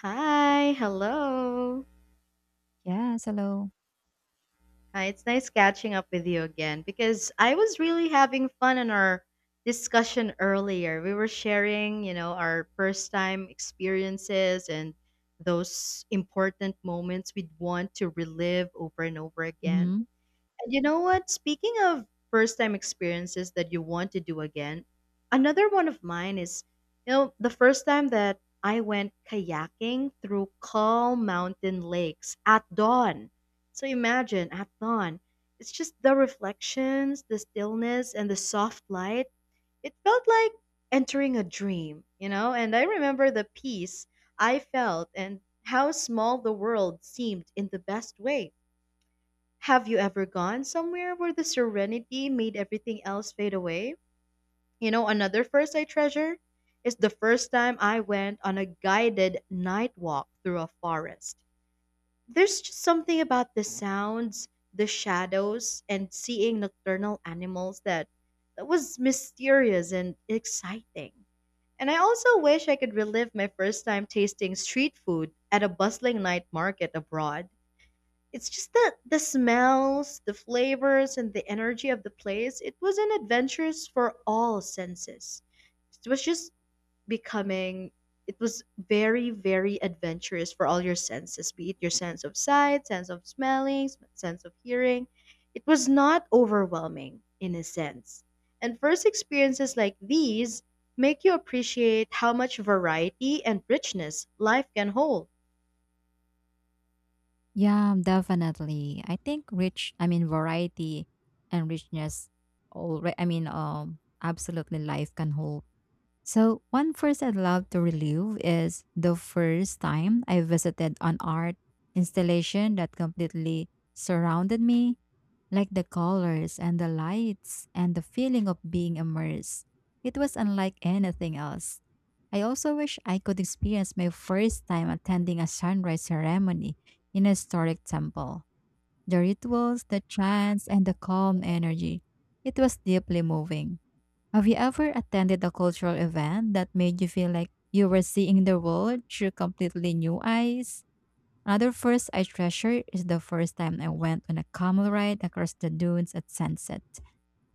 Hi, hello. Yes, hello. Hi, it's nice catching up with you again because I was really having fun in our discussion earlier. We were sharing, you know, our first time experiences and those important moments we'd want to relive over and over again. hmm You know what? Speaking of first time experiences that you want to do again, another one of mine is, you know, the first time that I went kayaking through calm mountain lakes at dawn. So imagine at dawn, it's just the reflections, the stillness, and the soft light. It felt like entering a dream, you know? And I remember the peace I felt and how small the world seemed in the best way. Have you ever gone somewhere where the serenity made everything else fade away? You know, another first I treasure is the first time I went on a guided night walk through a forest. There's just something about the sounds, the shadows, and seeing nocturnal animals that was mysterious and exciting. And I also wish I could relive my first time tasting street food at a bustling night market abroad. It's just that the smells, the flavors, and the energy of the place, it was an adventurous for all senses. It was just becoming, it was very, very adventurous for all your senses, be it your sense of sight, sense of smelling, sense of hearing. It was not overwhelming in a sense. And first experiences like these make you appreciate how much variety and richness life can hold. Yeah, definitely. I think rich, I mean, variety and richness, absolutely life can hold. So, one first I'd love to relive is the first time I visited an art installation that completely surrounded me. Like the colors and the lights and the feeling of being immersed. It was unlike anything else. I also wish I could experience my first time attending a sunrise ceremony in a historic temple. The rituals, the chants, and the calm energy. It was deeply moving. Have you ever attended a cultural event that made you feel like you were seeing the world through completely new eyes? Another first I treasure is the first time I went on a camel ride across the dunes at sunset.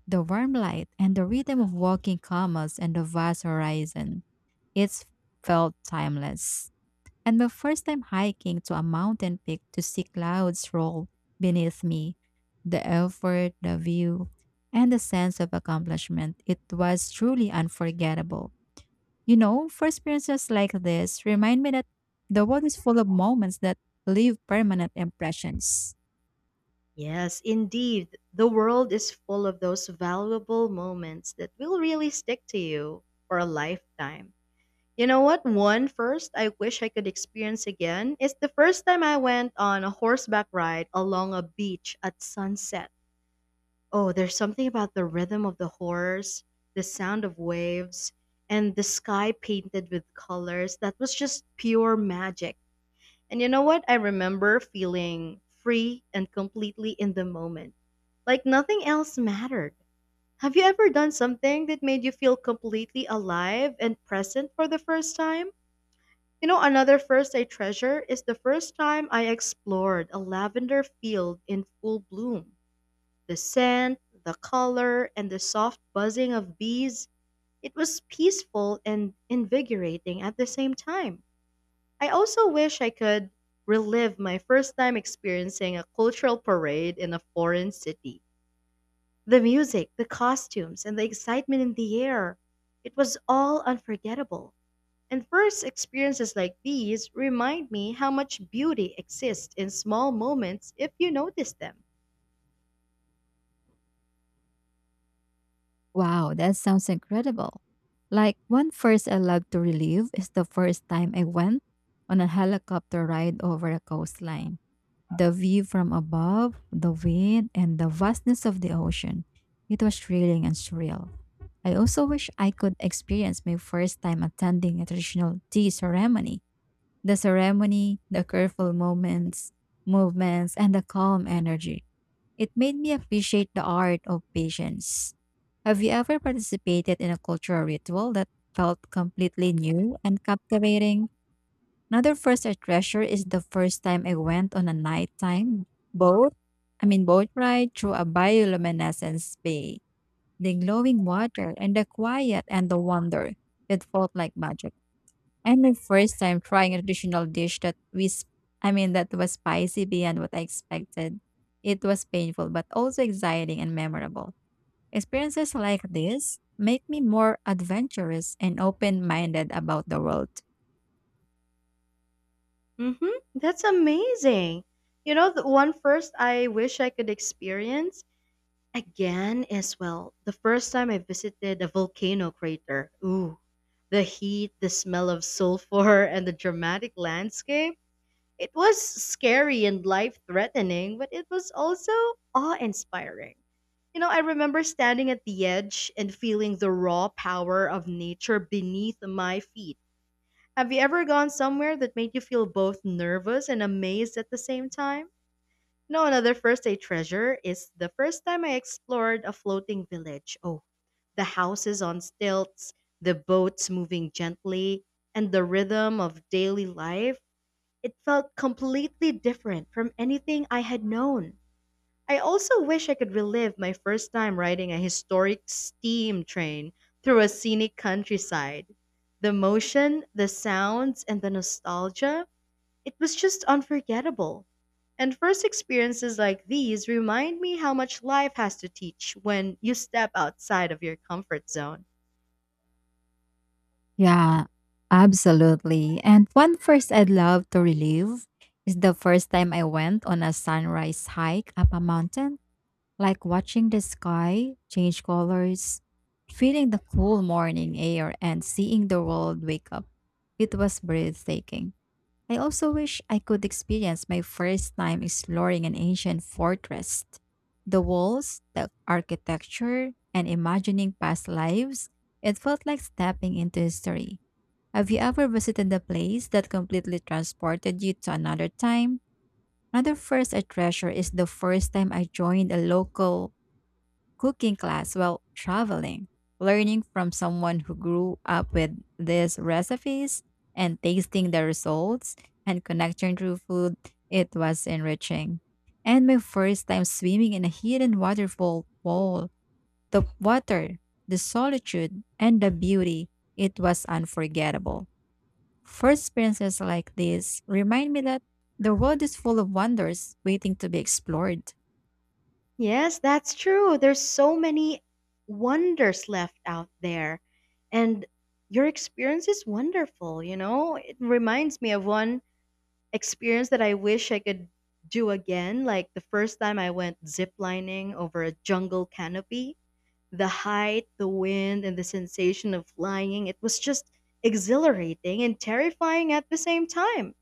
The warm light and the rhythm of walking camels and the vast horizon. It felt timeless. And my first time hiking to a mountain peak to see clouds roll beneath me. The effort, the view, and the sense of accomplishment. It was truly unforgettable. You know, for experiences like this, remind me that the world is full of moments that leave permanent impressions. Yes, indeed. The world is full of those valuable moments that will really stick to you for a lifetime. You know what? One first I wish I could experience again is the first time I went on a horseback ride along a beach at sunset. Oh, there's something about the rhythm of the horse, the sound of waves, and the sky painted with colors that was just pure magic. And you know what? I remember feeling free and completely in the moment, like nothing else mattered. Have you ever done something that made you feel completely alive and present for the first time? You know, another first I treasure is the first time I explored a lavender field in full bloom. The scent, the color, and the soft buzzing of bees, it was peaceful and invigorating at the same time. I also wish I could relive my first time experiencing a cultural parade in a foreign city. The music, the costumes, and the excitement in the air. It was all unforgettable. And first experiences like these remind me how much beauty exists in small moments if you notice them. Wow, that sounds incredible. Like one first I love to relive is the first time I went on a helicopter ride over a coastline. The view from above, the wind, and the vastness of the ocean. It was thrilling and surreal. I also wish I could experience my first time attending a traditional tea ceremony. The ceremony, the movements, and the calm energy. It made me appreciate the art of patience. Have you ever participated in a cultural ritual that felt completely new and captivating? Another first I treasure is the first time I went on a nighttime boat. I mean boat ride through a bioluminescence bay. The glowing water and the quiet and the wonder. It felt like magic. And my first time trying a traditional dish that we, sp- I mean, that was spicy beyond what I expected. It was painful, but also exciting and memorable. Experiences like this make me more adventurous and open minded about the world. Mm-hmm. That's amazing. You know, the one first I wish I could experience again, as well, the first time I visited a volcano crater. Ooh, the heat, the smell of sulfur, and the dramatic landscape. It was scary and life threatening, but it was also awe inspiring. You know, I remember standing at the edge and feeling the raw power of nature beneath my feet. Have you ever gone somewhere that made you feel both nervous and amazed at the same time? No, another first I treasure is the first time I explored a floating village. Oh, the houses on stilts, the boats moving gently, and the rhythm of daily life. It felt completely different from anything I had known. I also wish I could relive my first time riding a historic steam train through a scenic countryside. The motion, the sounds, and the nostalgia, it was just unforgettable. And first experiences like these remind me how much life has to teach when you step outside of your comfort zone. Yeah, absolutely. And one first I'd love to relive is the first time I went on a sunrise hike up a mountain. Like watching the sky change colors, feeling the cool morning air, and seeing the world wake up. It was breathtaking. I also wish I could experience my first time exploring an ancient fortress. The walls, the architecture, and imagining past lives, it felt like stepping into history. Have you ever visited a place that completely transported you to another time? Another first I treasure is the first time I joined a local cooking class while traveling, learning from someone who grew up with these recipes and tasting the results and connection through food, it was enriching. And my first time swimming in a hidden waterfall pool, the water, the solitude, and the beauty, it was unforgettable. First experiences like this remind me that the world is full of wonders waiting to be explored. Yes, that's true. There's so many wonders left out there. And your experience is wonderful, you know? It reminds me of one experience that I wish I could do again, like the first time I went ziplining over a jungle canopy. The height, the wind, and the sensation of flying, it was just exhilarating and terrifying at the same time.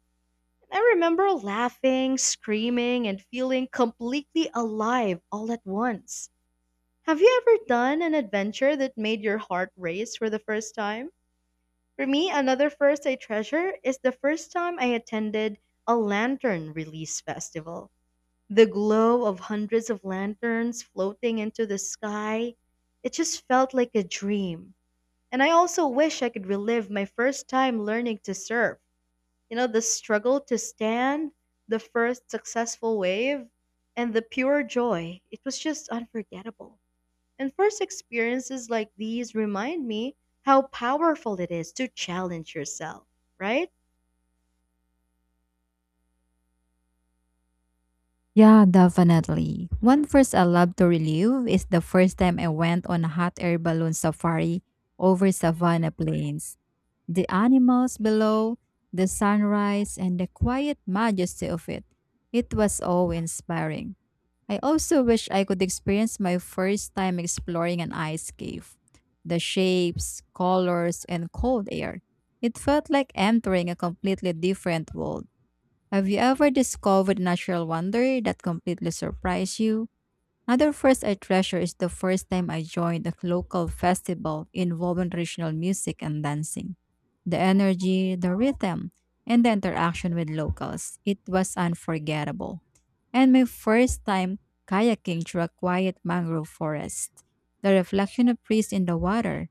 I remember laughing, screaming, and feeling completely alive all at once. Have you ever done an adventure that made your heart race for the first time? For me, another first I treasure is the first time I attended a lantern release festival. The glow of hundreds of lanterns floating into the sky, it just felt like a dream. And I also wish I could relive my first time learning to surf. You know, the struggle to stand, the first successful wave, and the pure joy. It was just unforgettable. And first experiences like these remind me how powerful it is to challenge yourself, right? Yeah, definitely. One first I love to relive is the first time I went on a hot air balloon safari over Savannah Plains. The animals below, the sunrise, and the quiet majesty of it. It was awe inspiring. I also wish I could experience my first time exploring an ice cave. The shapes, colors, and cold air. It felt like entering a completely different world. Have you ever discovered natural wonder that completely surprised you? Another first I treasure is the first time I joined a local festival involving traditional music and dancing. The energy, the rhythm, and the interaction with locals. It was unforgettable. And my first time kayaking through a quiet mangrove forest. The reflection of trees in the water,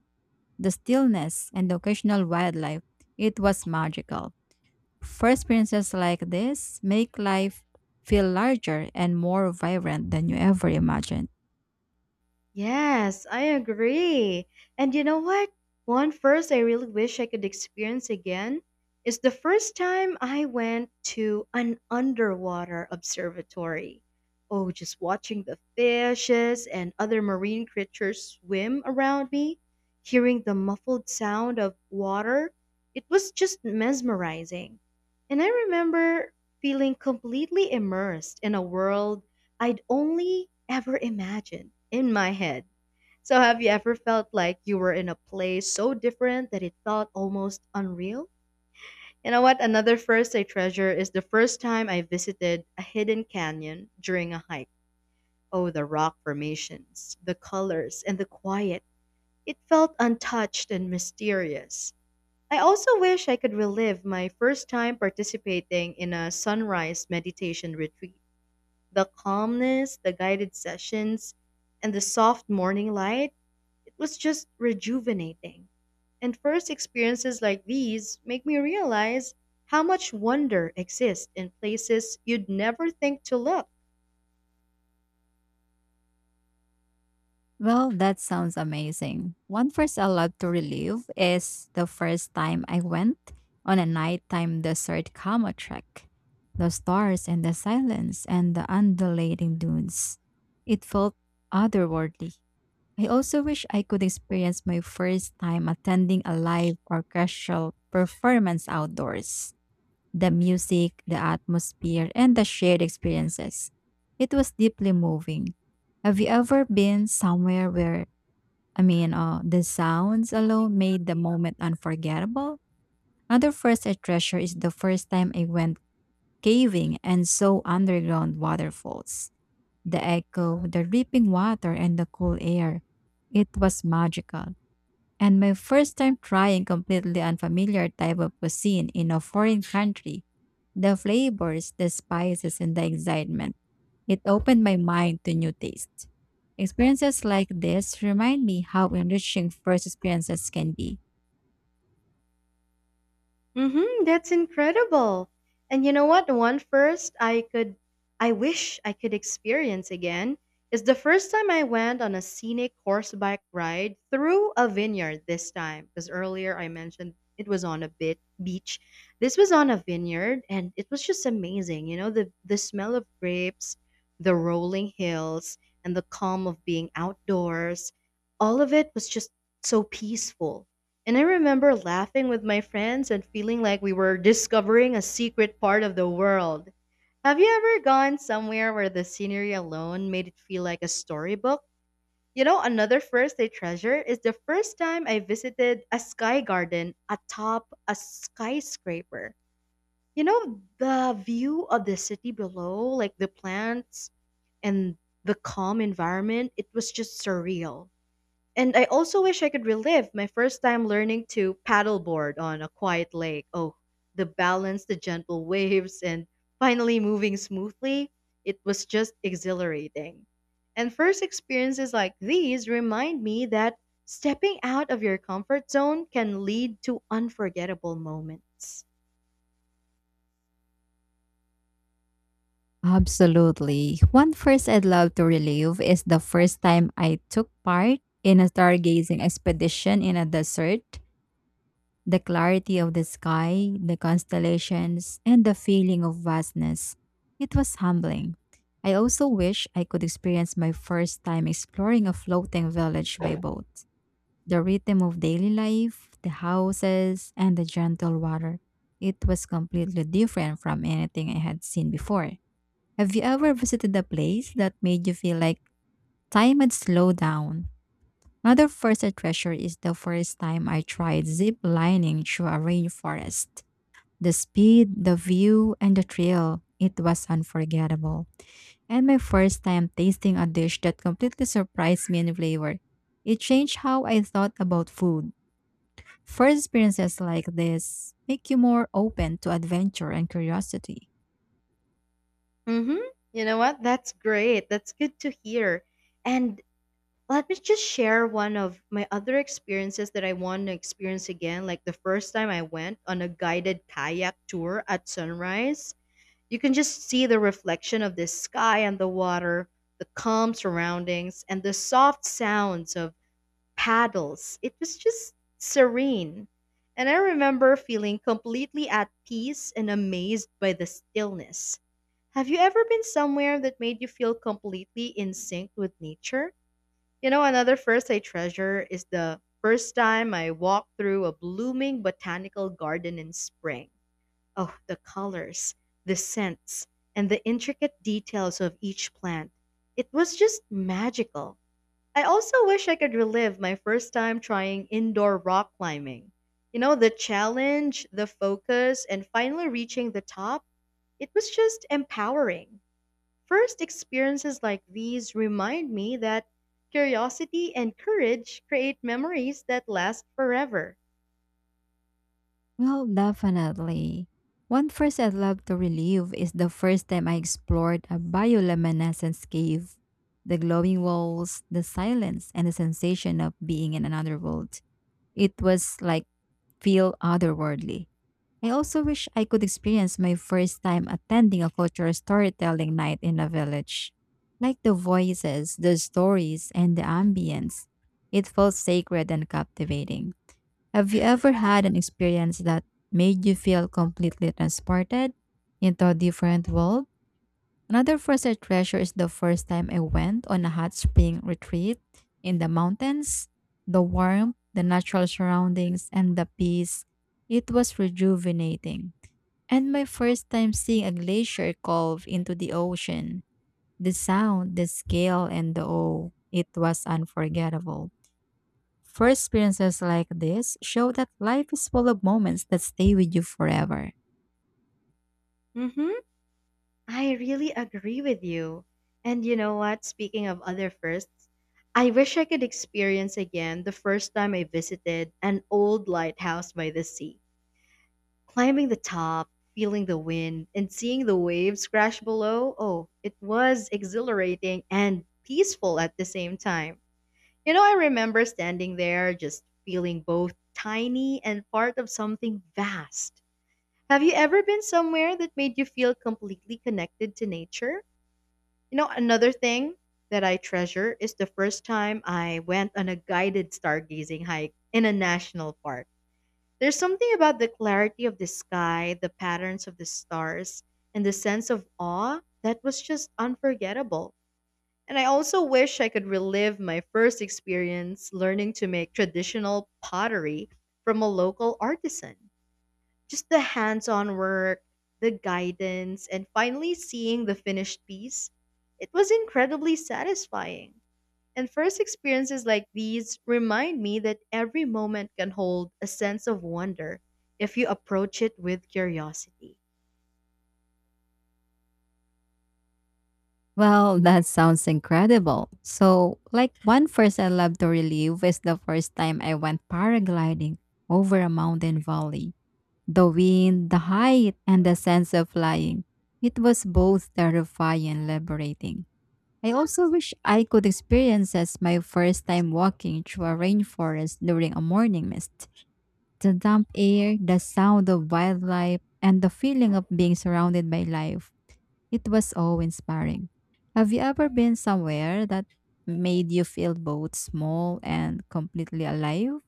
the stillness, and the occasional wildlife. It was magical. For experiences like this make life feel larger and more vibrant than you ever imagined. Yes, I agree. And you know what? One first I really wish I could experience again is the first time I went to an underwater observatory. Oh, just watching the fishes and other marine creatures swim around me, hearing the muffled sound of water, it was just mesmerizing. And I remember feeling completely immersed in a world I'd only ever imagined in my head. So, have you ever felt like you were in a place so different that it felt almost unreal? You know what? Another first I treasure is the first time I visited a hidden canyon during a hike. Oh, the rock formations, the colors, and the quiet. It felt untouched and mysterious. I also wish I could relive my first time participating in a sunrise meditation retreat. The calmness, the guided sessions, and the soft morning light, it was just rejuvenating. And first experiences like these make me realize how much wonder exists in places you'd never think to look. Well, that sounds amazing. One first I love to relive is the first time I went on a nighttime desert camel trek. The stars and the silence and the undulating dunes. It felt otherworldly. I also wish I could experience my first time attending a live orchestral performance outdoors. The music, the atmosphere, and the shared experiences. It was deeply moving. Have you ever been somewhere where, I mean, the sounds alone made the moment unforgettable? Another first I treasure is the first time I went caving and saw underground waterfalls. The echo, the dripping water, and the cool air. It was magical, and my first time trying completely unfamiliar type of cuisine in a foreign country. The flavors, the spices, and the excitement. It opened my mind to new tastes. Experiences like this remind me how enriching first experiences can be. Mm-hmm, that's incredible. And you know what? One first I could, I wish I could experience again is the first time I went on a scenic horseback ride through a vineyard this time. Because earlier I mentioned it was on a bit beach. This was on a vineyard and it was just amazing. You know, the smell of grapes, the rolling hills, and the calm of being outdoors. All of it was just so peaceful and I remember laughing with my friends and feeling like we were discovering a secret part of the world. Have you ever gone somewhere where the scenery alone made it feel like a storybook? You know, another first I treasure is the first time I visited a sky garden atop a skyscraper. You know, the view of the city below, like the plants and the calm environment, it was just surreal. And I also wish I could relive my first time learning to paddleboard on a quiet lake. Oh, the balance, the gentle waves, and finally moving smoothly. It was just exhilarating. And first experiences like these remind me that stepping out of your comfort zone can lead to unforgettable moments. Absolutely. One first I'd love to relive is the first time I took part in a stargazing expedition in a desert. The clarity of the sky, the constellations, and the feeling of vastness. It was humbling. I also wish I could experience my first time exploring a floating village by boat. The rhythm of daily life, the houses, and the gentle water. It was completely different from anything I had seen before. Have you ever visited a place that made you feel like time had slowed down? Another forest treasure is the first time I tried zip lining through a rainforest. The speed, the view, and the thrill, it was unforgettable. And my first time tasting a dish that completely surprised me in flavor. It changed how I thought about food. First experiences like this make you more open to adventure and curiosity. Mm-hmm. You know what? That's great. That's good to hear. And let me just share one of my other experiences that I want to experience again. Like the first time I went on a guided kayak tour at sunrise, you can just see the reflection of the sky and the water, the calm surroundings, and the soft sounds of paddles. It was just serene. And I remember feeling completely at peace and amazed by the stillness. Have you ever been somewhere that made you feel completely in sync with nature? You know, another first I treasure is the first time I walked through a blooming botanical garden in spring. Oh, the colors, the scents, and the intricate details of each plant. It was just magical. I also wish I could relive my first time trying indoor rock climbing. You know, the challenge, the focus, and finally reaching the top, it was just empowering. First experiences like these remind me that curiosity and courage create memories that last forever. Well, definitely. One first I'd love to relive is the first time I explored a bioluminescence cave. The glowing walls, the silence, and the sensation of being in another world. It was like feel otherworldly. I also wish I could experience my first time attending a cultural storytelling night in a village. Like the voices, the stories, and the ambience, it felt sacred and captivating. Have you ever had an experience that made you feel completely transported into a different world? Another first I treasure is the first time I went on a hot spring retreat in the mountains. The warmth, the natural surroundings, and the peace. It was rejuvenating. And my first time seeing a glacier calve into the ocean. The sound, the scale, and the awe. It was unforgettable. First experiences like this show that life is full of moments that stay with you forever. Mhm. I really agree with you. And you know what, speaking of other firsts, I wish I could experience again the first time I visited an old lighthouse by the sea. Climbing the top, feeling the wind, and seeing the waves crash below, oh, it was exhilarating and peaceful at the same time. You know, I remember standing there just feeling both tiny and part of something vast. Have you ever been somewhere that made you feel completely connected to nature? You know, another thing that I treasure is the first time I went on a guided stargazing hike in a national park. There's something about the clarity of the sky, the patterns of the stars, and the sense of awe that was just unforgettable. And I also wish I could relive my first experience learning to make traditional pottery from a local artisan. Just the hands on work, the guidance, and finally seeing the finished piece. It was incredibly satisfying. And first experiences like these remind me that every moment can hold a sense of wonder if you approach it with curiosity. Well, that sounds incredible. So, like one first I love to relive is the first time I went paragliding over a mountain valley. The wind, the height, and the sense of flying. It was both terrifying and liberating. I also wish I could experience as my first time walking through a rainforest during a morning mist. The damp air, the sound of wildlife, and the feeling of being surrounded by life. It was awe inspiring. Have you ever been somewhere that made you feel both small and completely alive?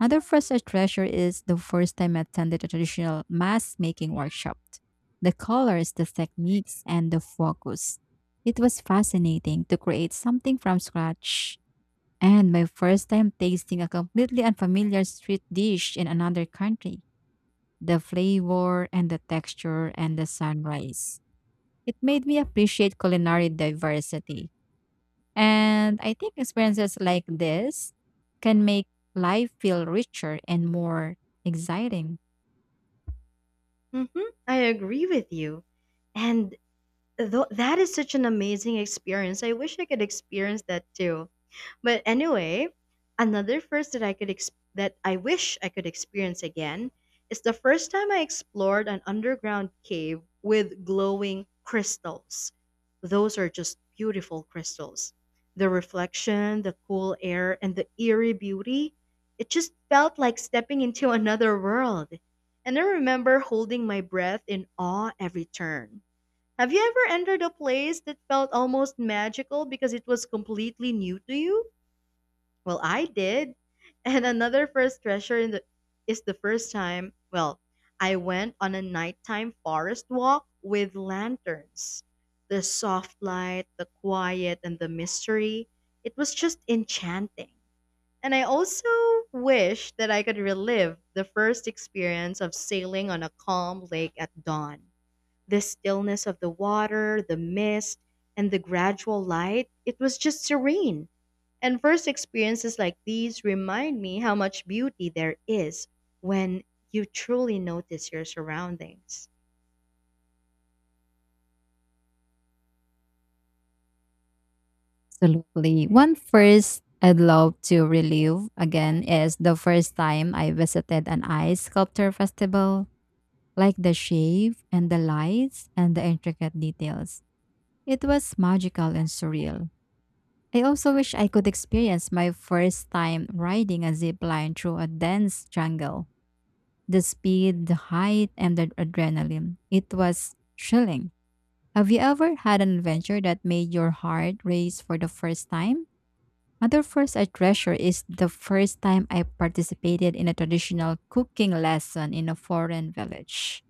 Another first I treasure is the first time I attended a traditional mask making workshop. The colors, the techniques, and the focus. It was fascinating to create something from scratch. And my first time tasting a completely unfamiliar street dish in another country, the flavor and the texture and the sunrise. It made me appreciate culinary diversity. And I think experiences like this can make life feel richer and more exciting. Hmm. I agree with you. And though that is such an amazing experience. I wish I could experience that too. But anyway, another first that that I wish I could experience again is the first time I explored an underground cave with glowing crystals. Those are just beautiful crystals. The reflection, the cool air, and the eerie beauty, it just felt like stepping into another world. And I remember holding my breath in awe every turn. Have you ever entered a place that felt almost magical because it was completely new to you? Well, I did. And another first treasure in is the first time, well, I went on a nighttime forest walk with lanterns. The soft light, the quiet, and the mystery, it was just enchanting. And I also wish that I could relive the first experience of sailing on a calm lake at dawn. The stillness of the water, the mist, and the gradual light, it was just serene. And first experiences like these remind me how much beauty there is when you truly notice your surroundings. Absolutely. One first I'd love to relive again is the first time I visited an ice sculpture festival, like the shape and the lights and the intricate details. It was magical and surreal. I also wish I could experience my first time riding a zip line through a dense jungle. The speed, the height, and the adrenaline. It was chilling. Have you ever had an adventure that made your heart race for the first time? Other first I treasure is the first time I participated in a traditional cooking lesson in a foreign village.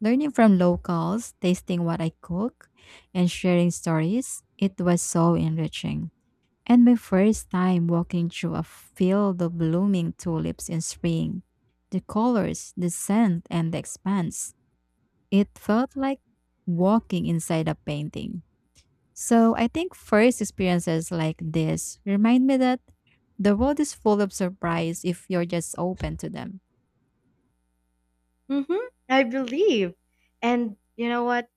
Learning from locals, tasting what I cook, and sharing stories, it was so enriching, and my first time walking through a field of blooming tulips in spring. The colors, the scent, and the expanse. It felt like walking inside a painting. So I think first experiences like this remind me that the world is full of surprise if you're just open to them. Mm-hmm, I believe. And you know what?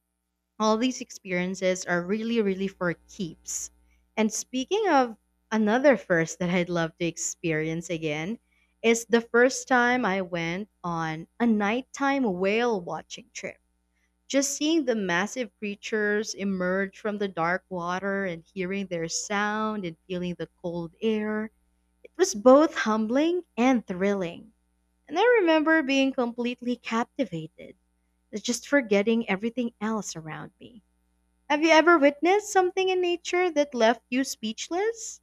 All these experiences are really, really for keeps. And speaking of another first that I'd love to experience again, is the first time I went on a nighttime whale watching trip. Just seeing the massive creatures emerge from the dark water and hearing their sound and feeling the cold air, it was both humbling and thrilling. And I remember being completely captivated, just forgetting everything else around me. Have you ever witnessed something in nature that left you speechless?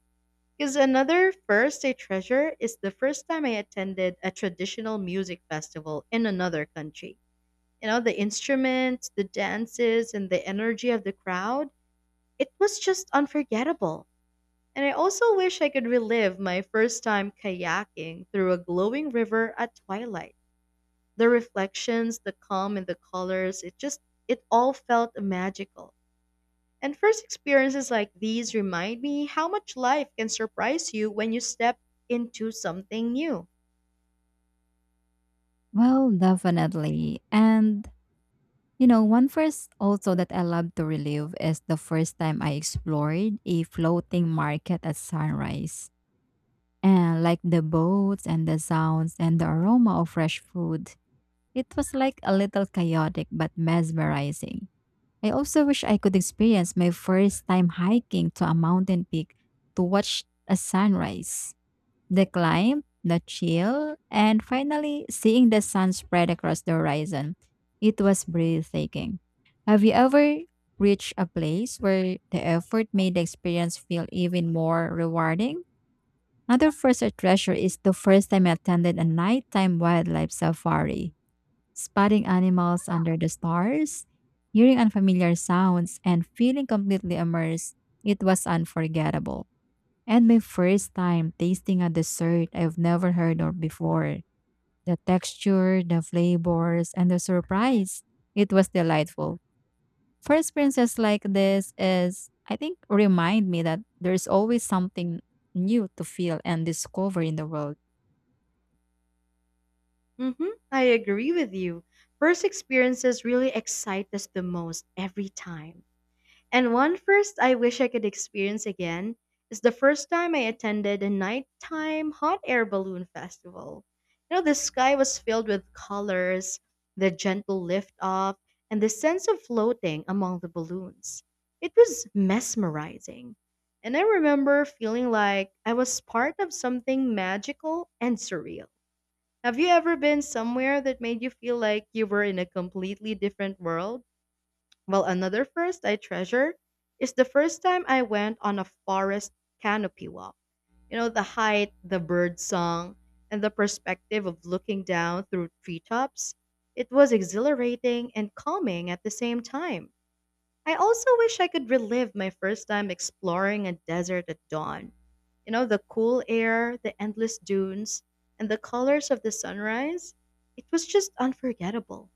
Because another first I treasure is the first time I attended a traditional music festival in another country. You know, the instruments, the dances, and the energy of the crowd, it was just unforgettable. And I also wish I could relive my first time kayaking through a glowing river at twilight. The reflections, the calm, and the colors, it just, it all felt magical. And first experiences like these remind me how much life can surprise you when you step into something new. Well, definitely. And you know, one first also that I love to relive is the first time I explored a floating market at sunrise. And like the boats and the sounds and the aroma of fresh food, it was like a little chaotic but mesmerizing. I also wish I could experience my first time hiking to a mountain peak to watch a sunrise. The climb, the chill, and finally seeing the sun spread across the horizon. It was breathtaking. Have you ever reached a place where the effort made the experience feel even more rewarding? Another first I treasure is the first time I attended a nighttime wildlife safari, spotting animals under the stars, hearing unfamiliar sounds, and feeling completely immersed. It was unforgettable. And my first time tasting a dessert I've never heard of before. The texture, the flavors, and the surprise. It was delightful. First experiences like this is, I think, remind me that there's always something new to feel and discover in the world. Hmm, I agree with you. First experiences really excite us the most every time. And one first I wish I could experience again is the first time I attended a nighttime hot air balloon festival. You know, the sky was filled with colors, the gentle lift off, and the sense of floating among the balloons. It was mesmerizing. And I remember feeling like I was part of something magical and surreal. Have you ever been somewhere that made you feel like you were in a completely different world? Well, another first I treasure is the first time I went on a forest canopy walk. You know, the height, the bird song, and the perspective of looking down through treetops. It was exhilarating and calming at the same time. I also wish I could relive my first time exploring a desert at dawn. You know, the cool air, the endless dunes, and the colors of the sunrise. It was just unforgettable.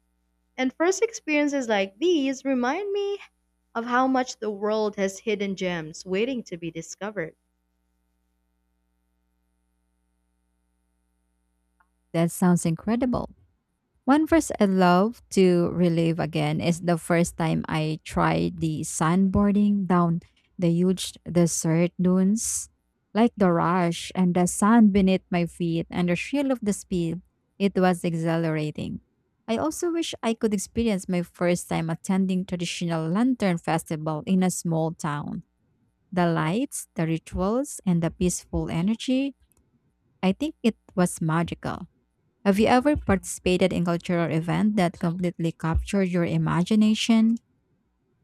And first experiences like these remind me of how much the world has hidden gems waiting to be discovered. That sounds incredible. One verse I love to relive again is the first time I tried the sandboarding down the huge desert dunes. Like the rush and the sand beneath my feet and the thrill of the speed, it was exhilarating. I also wish I could experience my first time attending traditional lantern festival in a small town. The lights, the rituals, and the peaceful energy, I think it was magical. Have you ever participated in cultural event that completely captured your imagination?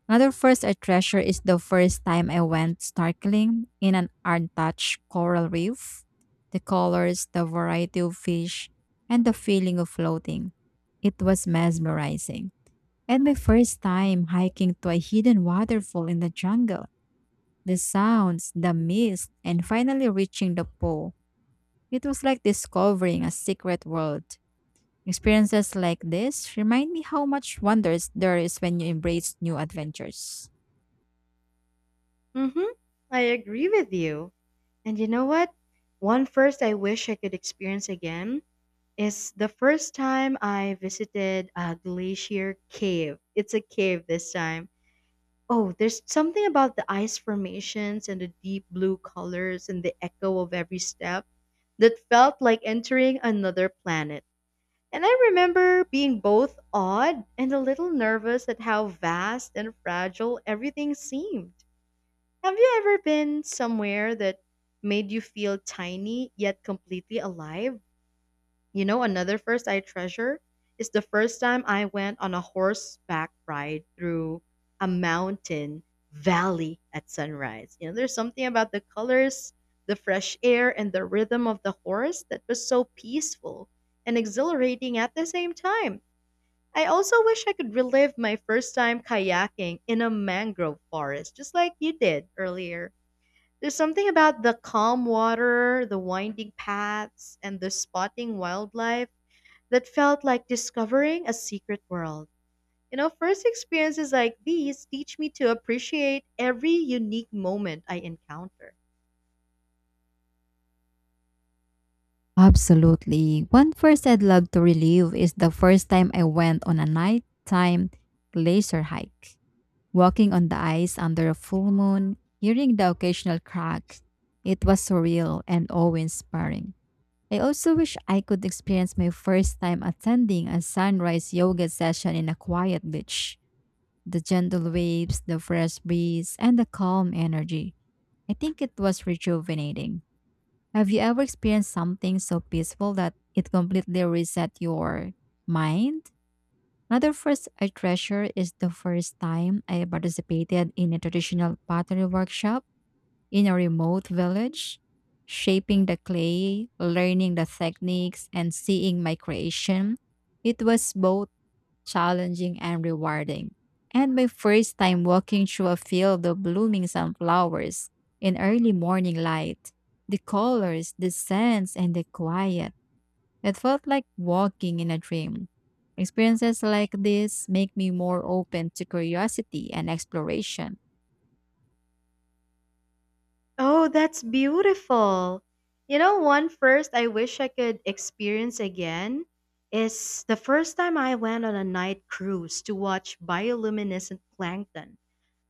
Another first I treasure is the first time I went snorkeling in an untouched coral reef. The colors, the variety of fish, and the feeling of floating. It was mesmerizing. And my first time hiking to a hidden waterfall in the jungle. The sounds, the mist, and finally reaching the pool. It was like discovering a secret world. Experiences like this remind me how much wonders there is when you embrace new adventures. Mm-hmm. I agree with you. And you know what? One first I wish I could experience again is the first time I visited a glacier cave. It's a cave this time. Oh, there's something about the ice formations and the deep blue colors and the echo of every step that felt like entering another planet. And I remember being both awed and a little nervous at how vast and fragile everything seemed. Have you ever been somewhere that made you feel tiny yet completely alive? You know, another first I treasure is the first time I went on a horseback ride through a mountain valley at sunrise. You know, there's something about the colors, the fresh air, and the rhythm of the horse that was so peaceful and exhilarating at the same time. I also wish I could relive my first time kayaking in a mangrove forest, just like you did earlier. There's something about the calm water, the winding paths, and the spotting wildlife that felt like discovering a secret world. You know, first experiences like these teach me to appreciate every unique moment I encounter. Absolutely. One first I'd love to relive is the first time I went on a nighttime glacier hike. Walking on the ice under a full moon, hearing the occasional crack, it was surreal and awe-inspiring. I also wish I could experience my first time attending a sunrise yoga session in a quiet beach. The gentle waves, the fresh breeze, and the calm energy. I think it was rejuvenating. Have you ever experienced something so peaceful that it completely reset your mind? Another first I treasure is the first time I participated in a traditional pottery workshop in a remote village, shaping the clay, learning the techniques, and seeing my creation. It was both challenging and rewarding. And my first time walking through a field of blooming sunflowers in early morning light. The colors, the scents, and the quiet. It felt like walking in a dream. Experiences like this make me more open to curiosity and exploration. Oh, that's beautiful. You know, one first I wish I could experience again is the first time I went on a night cruise to watch bioluminescent plankton.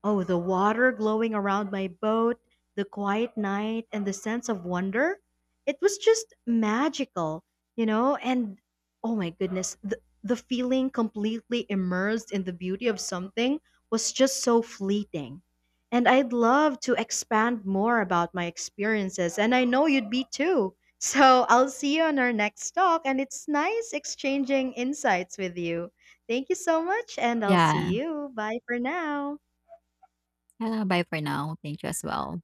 Oh, the water glowing around my boat, the quiet night, and the sense of wonder. It was just magical, you know? And oh my goodness, the feeling completely immersed in the beauty of something was just so fleeting. And I'd love to expand more about my experiences, and I know you'd be too. So I'll see you on our next talk, and it's nice exchanging insights with you. Thank you so much, and I'll Yeah. see you. Bye for now. Bye for now. Thank you as well.